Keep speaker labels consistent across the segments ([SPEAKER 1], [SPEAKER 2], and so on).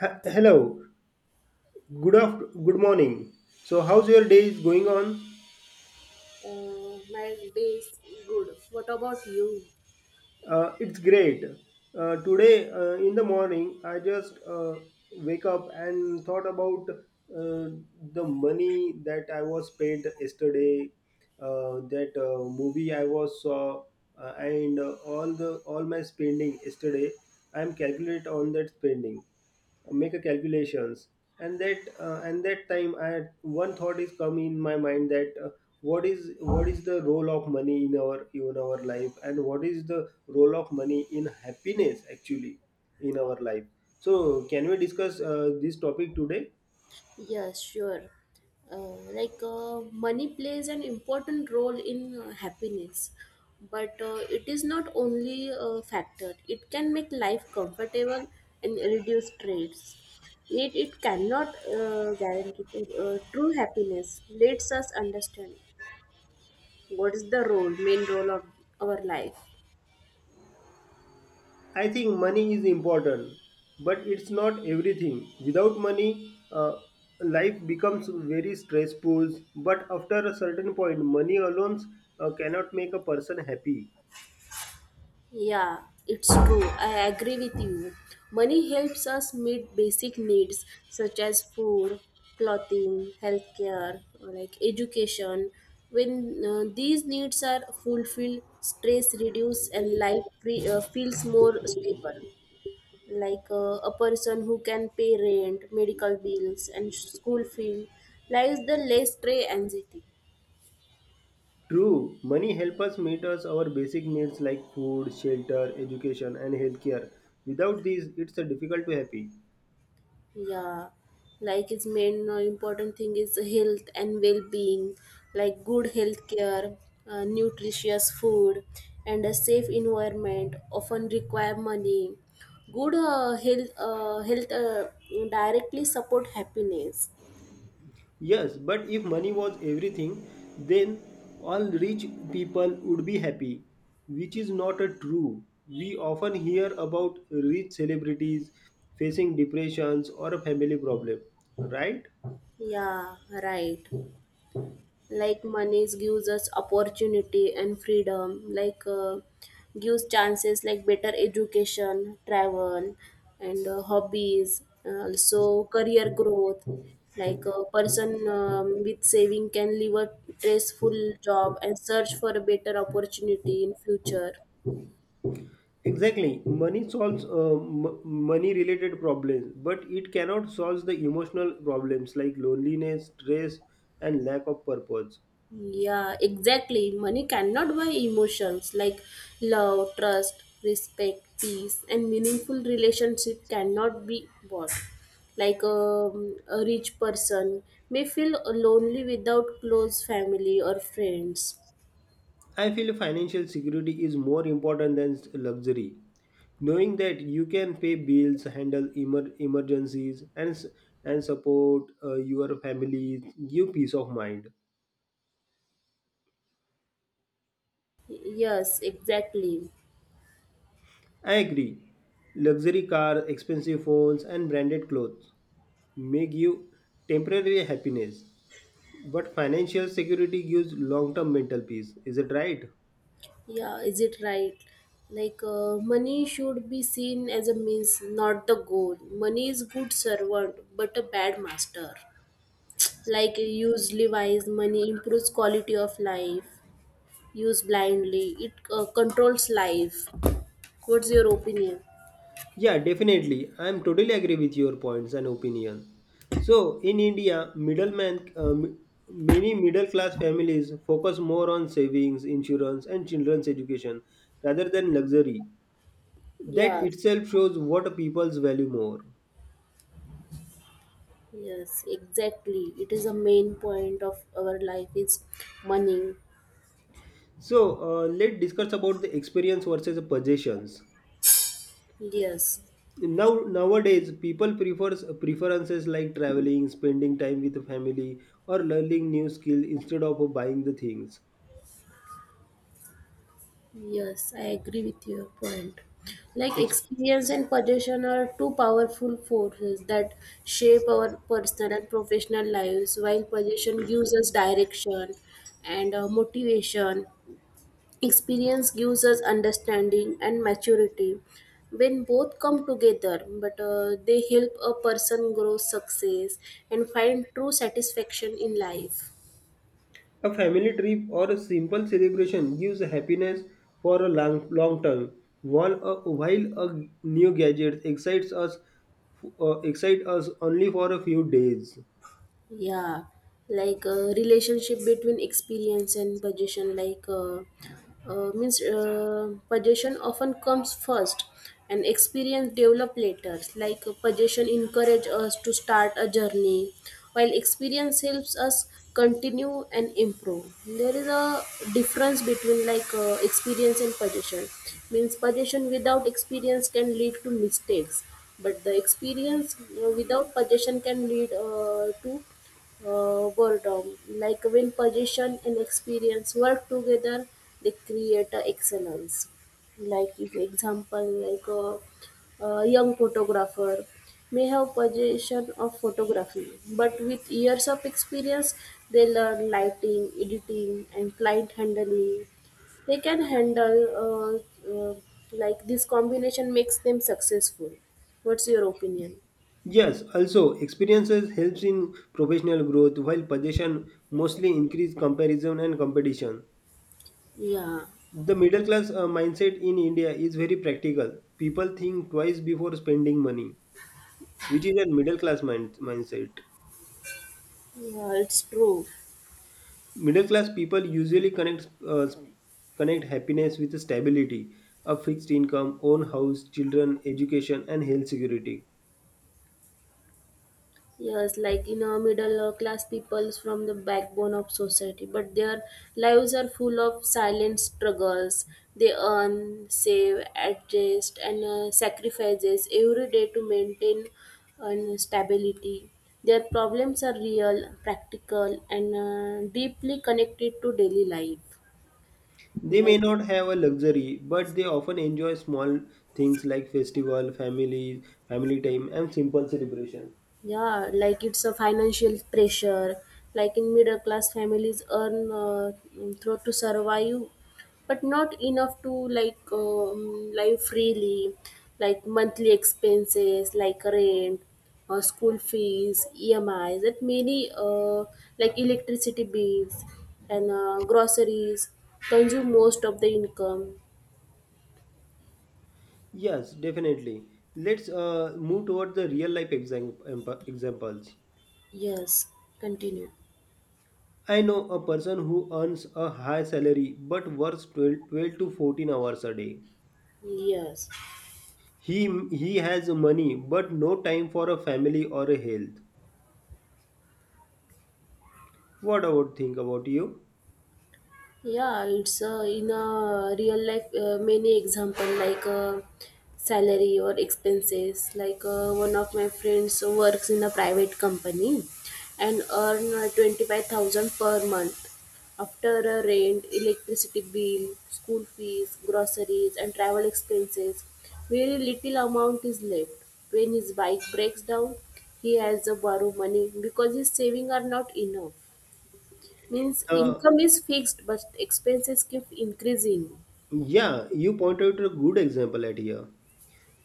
[SPEAKER 1] Hello, good morning. So, how's your day is going on?
[SPEAKER 2] My day is good. What about you?
[SPEAKER 1] It's great. Today in the morning, I just wake up and thought about the money that I was paid yesterday, that movie I was saw, and all my spending yesterday. I'm calculate on that spending. Make a calculations and that time I had one thought is come in my mind that what is the role of money in our life and what is the role of money in happiness actually in our life. So can we discuss this topic today?
[SPEAKER 2] Yes, sure. Money plays an important role in happiness, but it is not only a factor. It can make life comfortable and reduce stress. Yet it cannot guarantee true happiness. Let's us understand what is the role, main role of our life.
[SPEAKER 1] I think money is important, but it's not everything. Without money, uh, life becomes very stressful, but after a certain point money alone cannot make a person happy.
[SPEAKER 2] Yeah, it's true. I agree with you. Money helps us meet basic needs such as food, clothing, healthcare, or like education. When these needs are fulfilled, stress reduces and life free, feels more stable. Like a person who can pay rent, medical bills, and school fee lies the less stray anxiety.
[SPEAKER 1] True, money helps us meet us our basic needs like food, shelter, education, and healthcare. Without these, it's a difficult to happy.
[SPEAKER 2] Yeah, like its main important thing is health and well-being, like good health care, nutritious food, and a safe environment often require money. Good health directly support happiness.
[SPEAKER 1] Yes, but if money was everything, then all rich people would be happy, which is not a true. We often hear about rich celebrities facing depressions or a family problem, right?
[SPEAKER 2] Yeah, right. Like money gives us opportunity and freedom like gives chances like better education travel and hobbies also career growth, like a person with saving can leave a stressful job and search for a better opportunity in future.
[SPEAKER 1] Exactly. Money solves money related problems, but it cannot solve the emotional problems like loneliness, stress, and lack of purpose.
[SPEAKER 2] Yeah, exactly. Money cannot buy emotions like love, trust, respect, peace, and meaningful relationship cannot be bought. Like a rich person may feel lonely without close family or friends.
[SPEAKER 1] I feel financial security is more important than luxury. Knowing that you can pay bills, handle emergencies, and support your family give peace of mind.
[SPEAKER 2] Yes, exactly.
[SPEAKER 1] I agree. Luxury cars, expensive phones, and branded clothes may give temporary happiness. But financial security gives long term mental peace, is it right?
[SPEAKER 2] Yeah, is it right? Like money should be seen as a means, not the goal. Money is good servant, but a bad master. Like usually wise money improves quality of life, use blindly it controls life. What's your opinion?
[SPEAKER 1] Yeah, definitely. I am totally agree with your points and opinion. So, in India, middleman, many middle class families focus more on savings, insurance, and children's education rather than luxury. That
[SPEAKER 2] Yes,
[SPEAKER 1] itself shows what people's value more.
[SPEAKER 2] yes, exactly, it is a main point of our life is money.
[SPEAKER 1] So, let's discuss about the experience versus the possessions.
[SPEAKER 2] Yes,
[SPEAKER 1] Nowadays people prefers preferences like traveling, spending time with family or learning new skill instead of buying the things.
[SPEAKER 2] yes, I agree with your point. Like
[SPEAKER 1] Ex-
[SPEAKER 2] experience and possession are two powerful forces that shape our personal and professional lives. While possession gives us direction and motivation, experience gives us understanding and maturity. When both come together, but they help a person grow success and find true satisfaction in life.
[SPEAKER 1] a family trip or a simple celebration gives happiness for a long long term, while a new gadget excite us only for a few days.
[SPEAKER 2] Yeah, like relationship between experience and possession, means possession often comes first and experience develop later. Like possession encourage us to start a journey while experience helps us continue and improve. There is a difference between experience and possession, means possession without experience can lead to mistakes, but the experience without possession can lead to boredom. Like when position and experience work together, they create a excellence. Like if example, like a young photographer may have position of photography, but with years of experience, they learn lighting, editing, and client handling. They can handle like this combination makes them successful. What's your opinion?
[SPEAKER 1] Yes, also experiences helps in professional growth while possession mostly increase comparison and competition.
[SPEAKER 2] Yeah,
[SPEAKER 1] The middle class mindset in India is very practical. People think twice before spending money, which is a middle class mindset.
[SPEAKER 2] yeah, it's true.
[SPEAKER 1] Middle class people usually connect happiness with stability, a fixed income, own house, children, education, and health security.
[SPEAKER 2] Yes, like you know, middle class peoples from the backbone of society, but their lives are full of silent struggles. They earn, save, adjust, and sacrifices every day to maintain stability. Their problems are real, practical, and deeply connected to daily life.
[SPEAKER 1] They may
[SPEAKER 2] Like.
[SPEAKER 1] not have a luxury, but they often enjoy small things like festival, family, family time, and simple celebration.
[SPEAKER 2] Yeah, like it's a financial pressure. Like in middle class families earn through to survive, but not enough to live freely. Like monthly expenses, like rent, or school fees, EMIs, that many like electricity bills and groceries consume most of the income.
[SPEAKER 1] Yes, definitely. Let's move toward the real life examples.
[SPEAKER 2] Yes, continue.
[SPEAKER 1] I know a person who earns a high salary but works 12 to 14 hours a day.
[SPEAKER 2] Yes.
[SPEAKER 1] He has money but no time for a family or a health. What I would think about you?
[SPEAKER 2] Yeah, it's in a real life many example like salary or expenses. Like one of my friends works in a private company and earn 25,000 per month. After rent, electricity bill, school fees, groceries and travel expenses, very little amount is left. When his bike breaks down, he has to borrow money because his savings are not enough, means
[SPEAKER 1] Uh,
[SPEAKER 2] income is fixed but expenses keep increasing.
[SPEAKER 1] yeah, you pointed to a good example at here.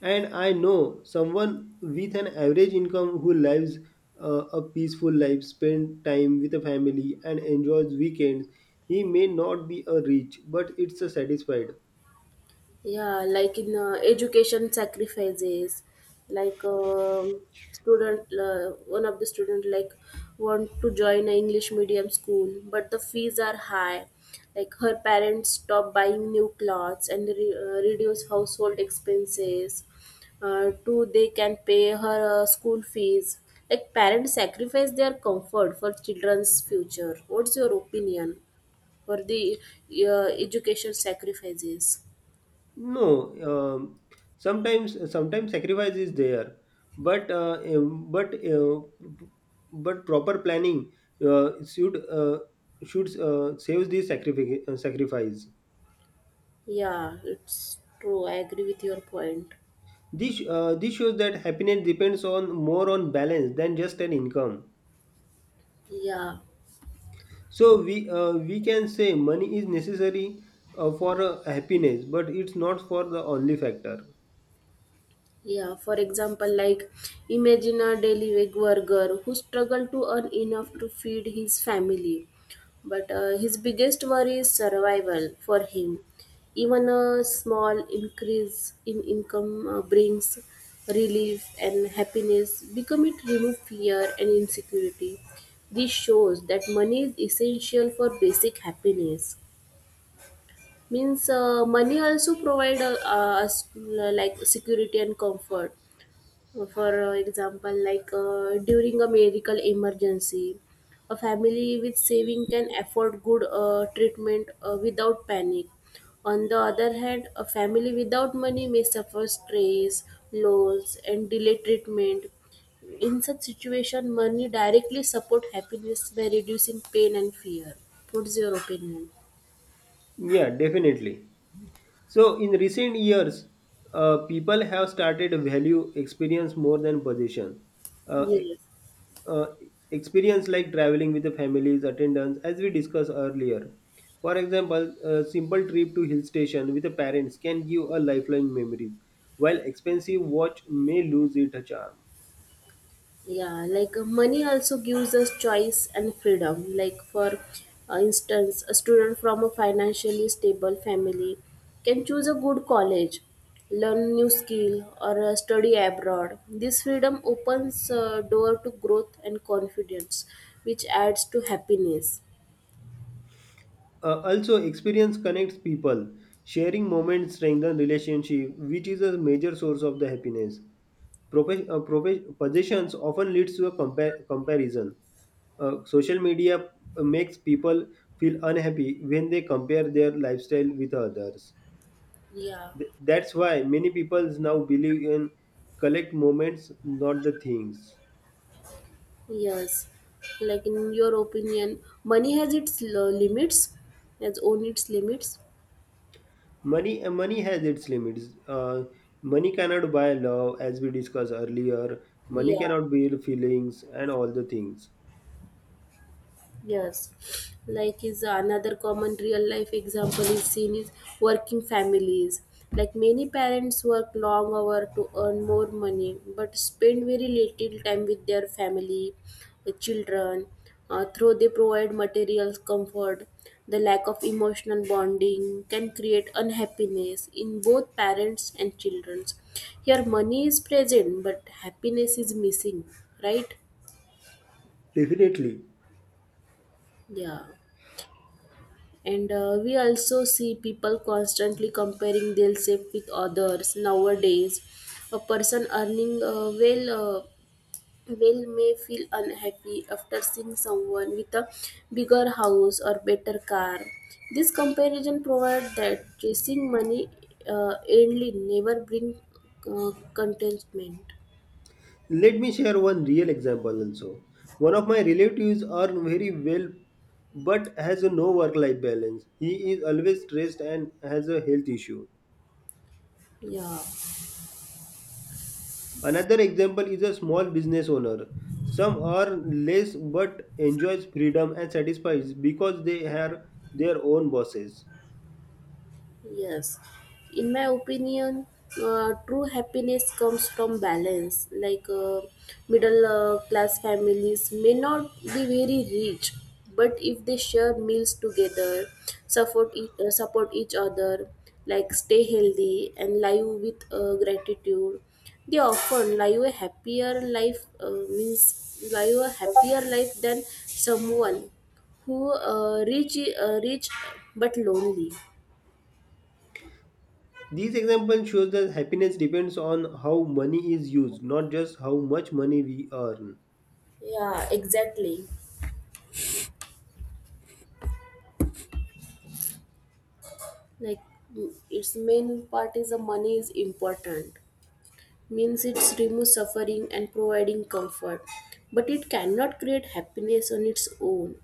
[SPEAKER 1] And I know someone with an average income who lives a peaceful life, spend time with a family, and enjoys weekends. He may not be a rich, but it's a satisfied.
[SPEAKER 2] Yeah, like in education sacrifices, like um student, uh, one of the student like want to join a english medium school but the fees are high. Like her parents stop buying new clothes and reduce household expenses, two they can pay her school fees. Like parents sacrifice their comfort for children's future. What's your opinion for the education sacrifices?
[SPEAKER 1] No, sometimes sacrifice is there, but uh, um, but uh, but proper planning uh, should uh, should save this sacrifice.
[SPEAKER 2] Yeah, it's true. I agree with your point.
[SPEAKER 1] This shows that happiness depends on more on balance than just an income.
[SPEAKER 2] Yeah.
[SPEAKER 1] So we can say money is necessary for happiness, but it's not for the only factor.
[SPEAKER 2] Yeah, for example, like imagine a daily wage worker who struggled to earn enough to feed his family. But his biggest worry is survival for him. Even a small increase in income brings relief and happiness, become it remove fear and insecurity. This shows that money is essential for basic happiness. Means money also provide us like security and comfort for example, like during a medical emergency, a family with saving can afford good treatment without panic. On the other hand, a family without money may suffer stress, loss, and delay treatment. In such situation, money directly support happiness by reducing pain and fear. What's your opinion?
[SPEAKER 1] Yeah, definitely. So in recent years, people have started value experience more than position. Uh, e-
[SPEAKER 2] Yes.
[SPEAKER 1] uh, Experience like traveling with the families, attendance, as we discussed earlier. For example, a simple trip to hill station with the parents can give a lifelong memories, while expensive watch may lose its charm.
[SPEAKER 2] Yeah, like money also gives us choice and freedom. Like, for instance, a student from a financially stable family can choose a good college, learn new skill, or study abroad. This freedom opens door to growth and confidence, which adds to happiness.
[SPEAKER 1] Also, experience connects people. Sharing moments strengthen relationship, which is a major source of the happiness. Possessions often leads to a comparison. Social media makes people feel unhappy when they compare their lifestyle with others.
[SPEAKER 2] Yeah,
[SPEAKER 1] That's why many people now believe in collect moments, not the things.
[SPEAKER 2] yes. Like, in your opinion, money has its limits, has own its limits.
[SPEAKER 1] Money has its limits. Money cannot buy love, as we discussed earlier. Money
[SPEAKER 2] Yeah.
[SPEAKER 1] cannot buy feelings and all the things.
[SPEAKER 2] Yes, like is another common real life example is seen is working families. Like many parents work long hours to earn more money, but spend very little time with their family, the children. Though they provide material comfort, the lack of emotional bonding can create unhappiness in both parents and children. Here, money is present, but happiness is missing. Right?
[SPEAKER 1] Definitely.
[SPEAKER 2] Yeah. And we also see people constantly comparing their themselves with others nowadays. A person earning well well may feel unhappy after seeing someone with a bigger house or better car. This comparison provides that chasing money uh, only never bring contentment.
[SPEAKER 1] Let me share one real example also. One of my relatives earn very well but has a no work life balance. He is always stressed and has a health issue.
[SPEAKER 2] Yeah.
[SPEAKER 1] Another example is a small business owner. Some earn less but enjoys freedom and satisfies because they are their own bosses.
[SPEAKER 2] Yes, in my opinion, true happiness comes from balance. Like middle class families may not be very rich, but if they share meals together, support support each other, like stay healthy and live with gratitude, they often live a happier life. Means live a happier life than someone who rich but lonely.
[SPEAKER 1] These examples show that happiness depends on how money is used, not just how much money we earn.
[SPEAKER 2] Yeah, exactly. Like its main part is the money is important. Means it's remove suffering and providing comfort. But it cannot create happiness on its own.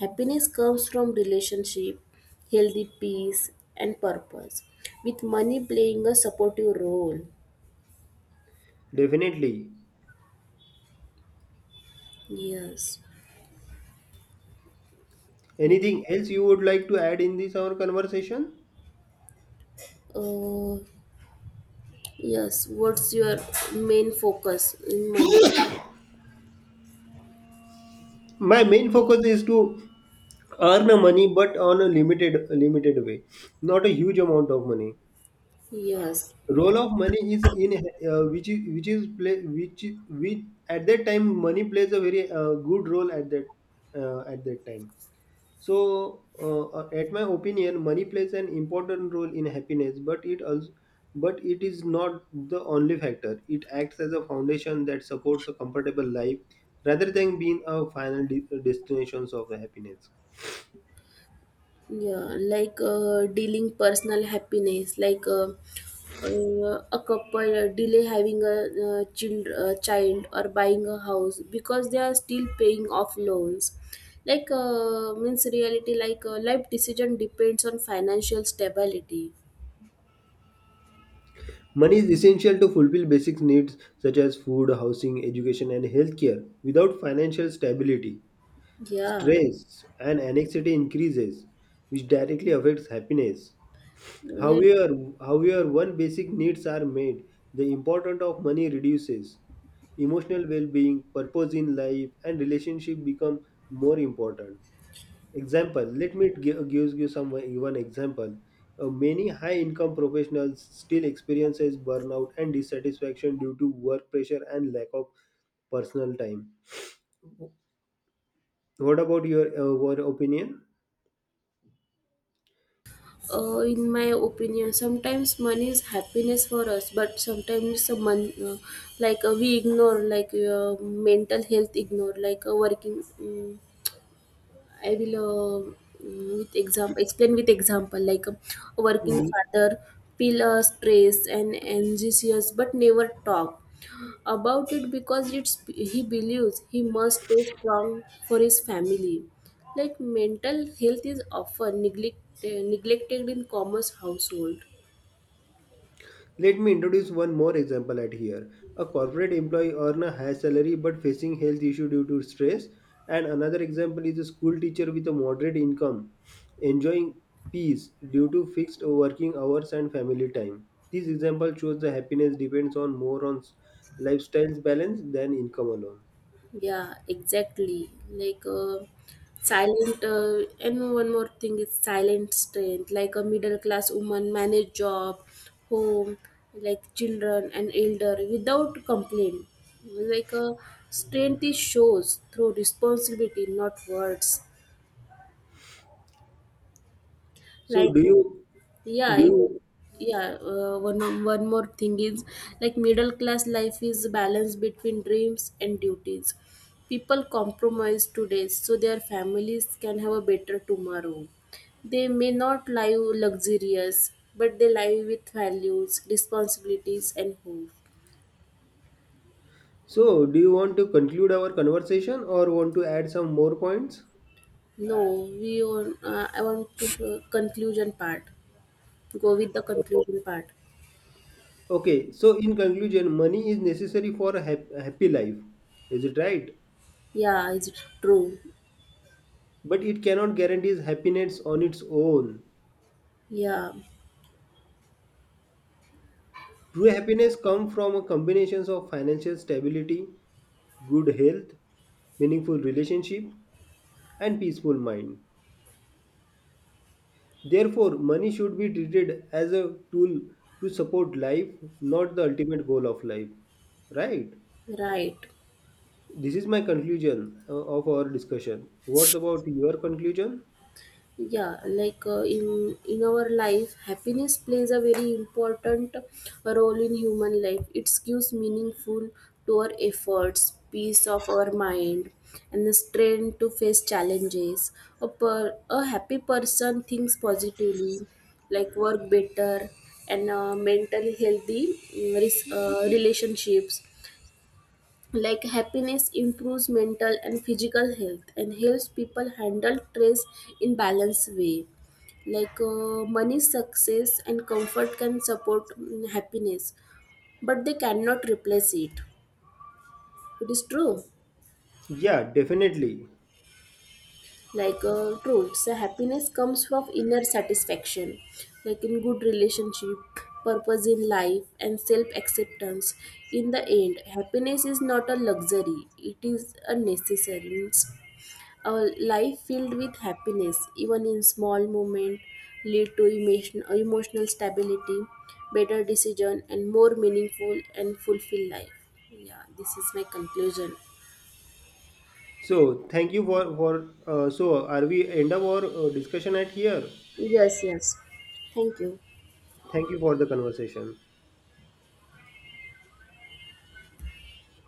[SPEAKER 2] Happiness comes from relationship, healthy peace and purpose. With money playing a supportive role.
[SPEAKER 1] Definitely.
[SPEAKER 2] Yes.
[SPEAKER 1] Anything else you would like to add in this our conversation?
[SPEAKER 2] Uh, yes. What's your main focus in money?
[SPEAKER 1] My main focus is to earn money but on a limited way, not a huge amount of money.
[SPEAKER 2] Yes.
[SPEAKER 1] Role of money is in which at that time money plays a very good role at that time. So, at my opinion, money plays an important role in happiness, but it is not the only factor. It acts as a foundation that supports a comfortable life rather than being a final destination of the happiness.
[SPEAKER 2] Yeah, like dealing personal happiness, like a couple delay having a child or buying a house because they are still paying off loans. Like means reality, like life decision depends on financial stability.
[SPEAKER 1] Money is essential to fulfill basic needs such as food, housing, education, and healthcare. Without financial stability,
[SPEAKER 2] Yeah.
[SPEAKER 1] stress and anxiety increases, which directly affects happiness.
[SPEAKER 2] Right.
[SPEAKER 1] However, however, when basic needs are met, the importance of money reduces. Emotional well-being, purpose in life, and relationship become more important. Example: Let me give you some one example. Many high-income professionals still experiences burnout and dissatisfaction due to work pressure and lack of personal time. What about your opinion?
[SPEAKER 2] In my opinion, sometimes money is happiness for us, but sometimes some mon- like we ignore like mental health ignore like working. I will with example explain with example like a working father feel stress and anxious but never talk about it because it's he believes he must stay strong for his family. Like mental health is often neglected in commerce household.
[SPEAKER 1] Let me introduce one more example at here. A corporate employee earn a high salary but facing health issue due to stress. And another example is a school teacher with a moderate income enjoying peace due to fixed working hours and family time. This example shows the happiness depends on more on lifestyles balance than income alone.
[SPEAKER 2] Yeah, exactly. Like and one more thing is silent strength. Like a middle class woman manage job, home, like children and elder without complaint. Like a strength is shows through responsibility, not words.
[SPEAKER 1] So
[SPEAKER 2] Like
[SPEAKER 1] do you
[SPEAKER 2] Yeah,
[SPEAKER 1] do you
[SPEAKER 2] it- one more thing is like middle class life is balance between dreams and duties. People compromise today so their families can have a better tomorrow. They may not live luxurious, but they live with values, responsibilities, and hope.
[SPEAKER 1] do you want to conclude our conversation or want to add some more points?
[SPEAKER 2] No, we. On. I want to conclusion part. Go with the conclusion part.
[SPEAKER 1] Okay, so in conclusion, money is necessary for a a happy life. Is it right?
[SPEAKER 2] Yeah, it's true.
[SPEAKER 1] But it cannot guarantee happiness on its own.
[SPEAKER 2] Yeah,
[SPEAKER 1] True happiness comes from a combination of financial stability, good health, meaningful relationship, and peaceful mind. Therefore, money should be treated as a tool to support life, not the ultimate goal of life. Right?
[SPEAKER 2] right.
[SPEAKER 1] This is my conclusion of our discussion. What's about your conclusion?
[SPEAKER 2] Yeah, like in our life happiness plays a very important role in human life. It gives meaningful to our efforts, peace of our mind, and the strength to face challenges. A happy person thinks positively, like work better and mentally healthy relationships. Like happiness improves mental and physical health and helps people handle stress in balanced way. Like money success and comfort can support happiness, but they cannot replace it. It is true.
[SPEAKER 1] Yeah, definitely.
[SPEAKER 2] Like true so happiness comes from inner satisfaction, like in good relationship, purpose in life and self acceptance. In the end happiness is not a luxury, it is a necessary. A life filled with happiness even in small moments lead to emotional stability, better decision and more meaningful and fulfilled life. Yeah, this is my conclusion.
[SPEAKER 1] So thank you for so are we end up our discussion at here?
[SPEAKER 2] Yes, yes. Thank you.
[SPEAKER 1] Thank you for the conversation.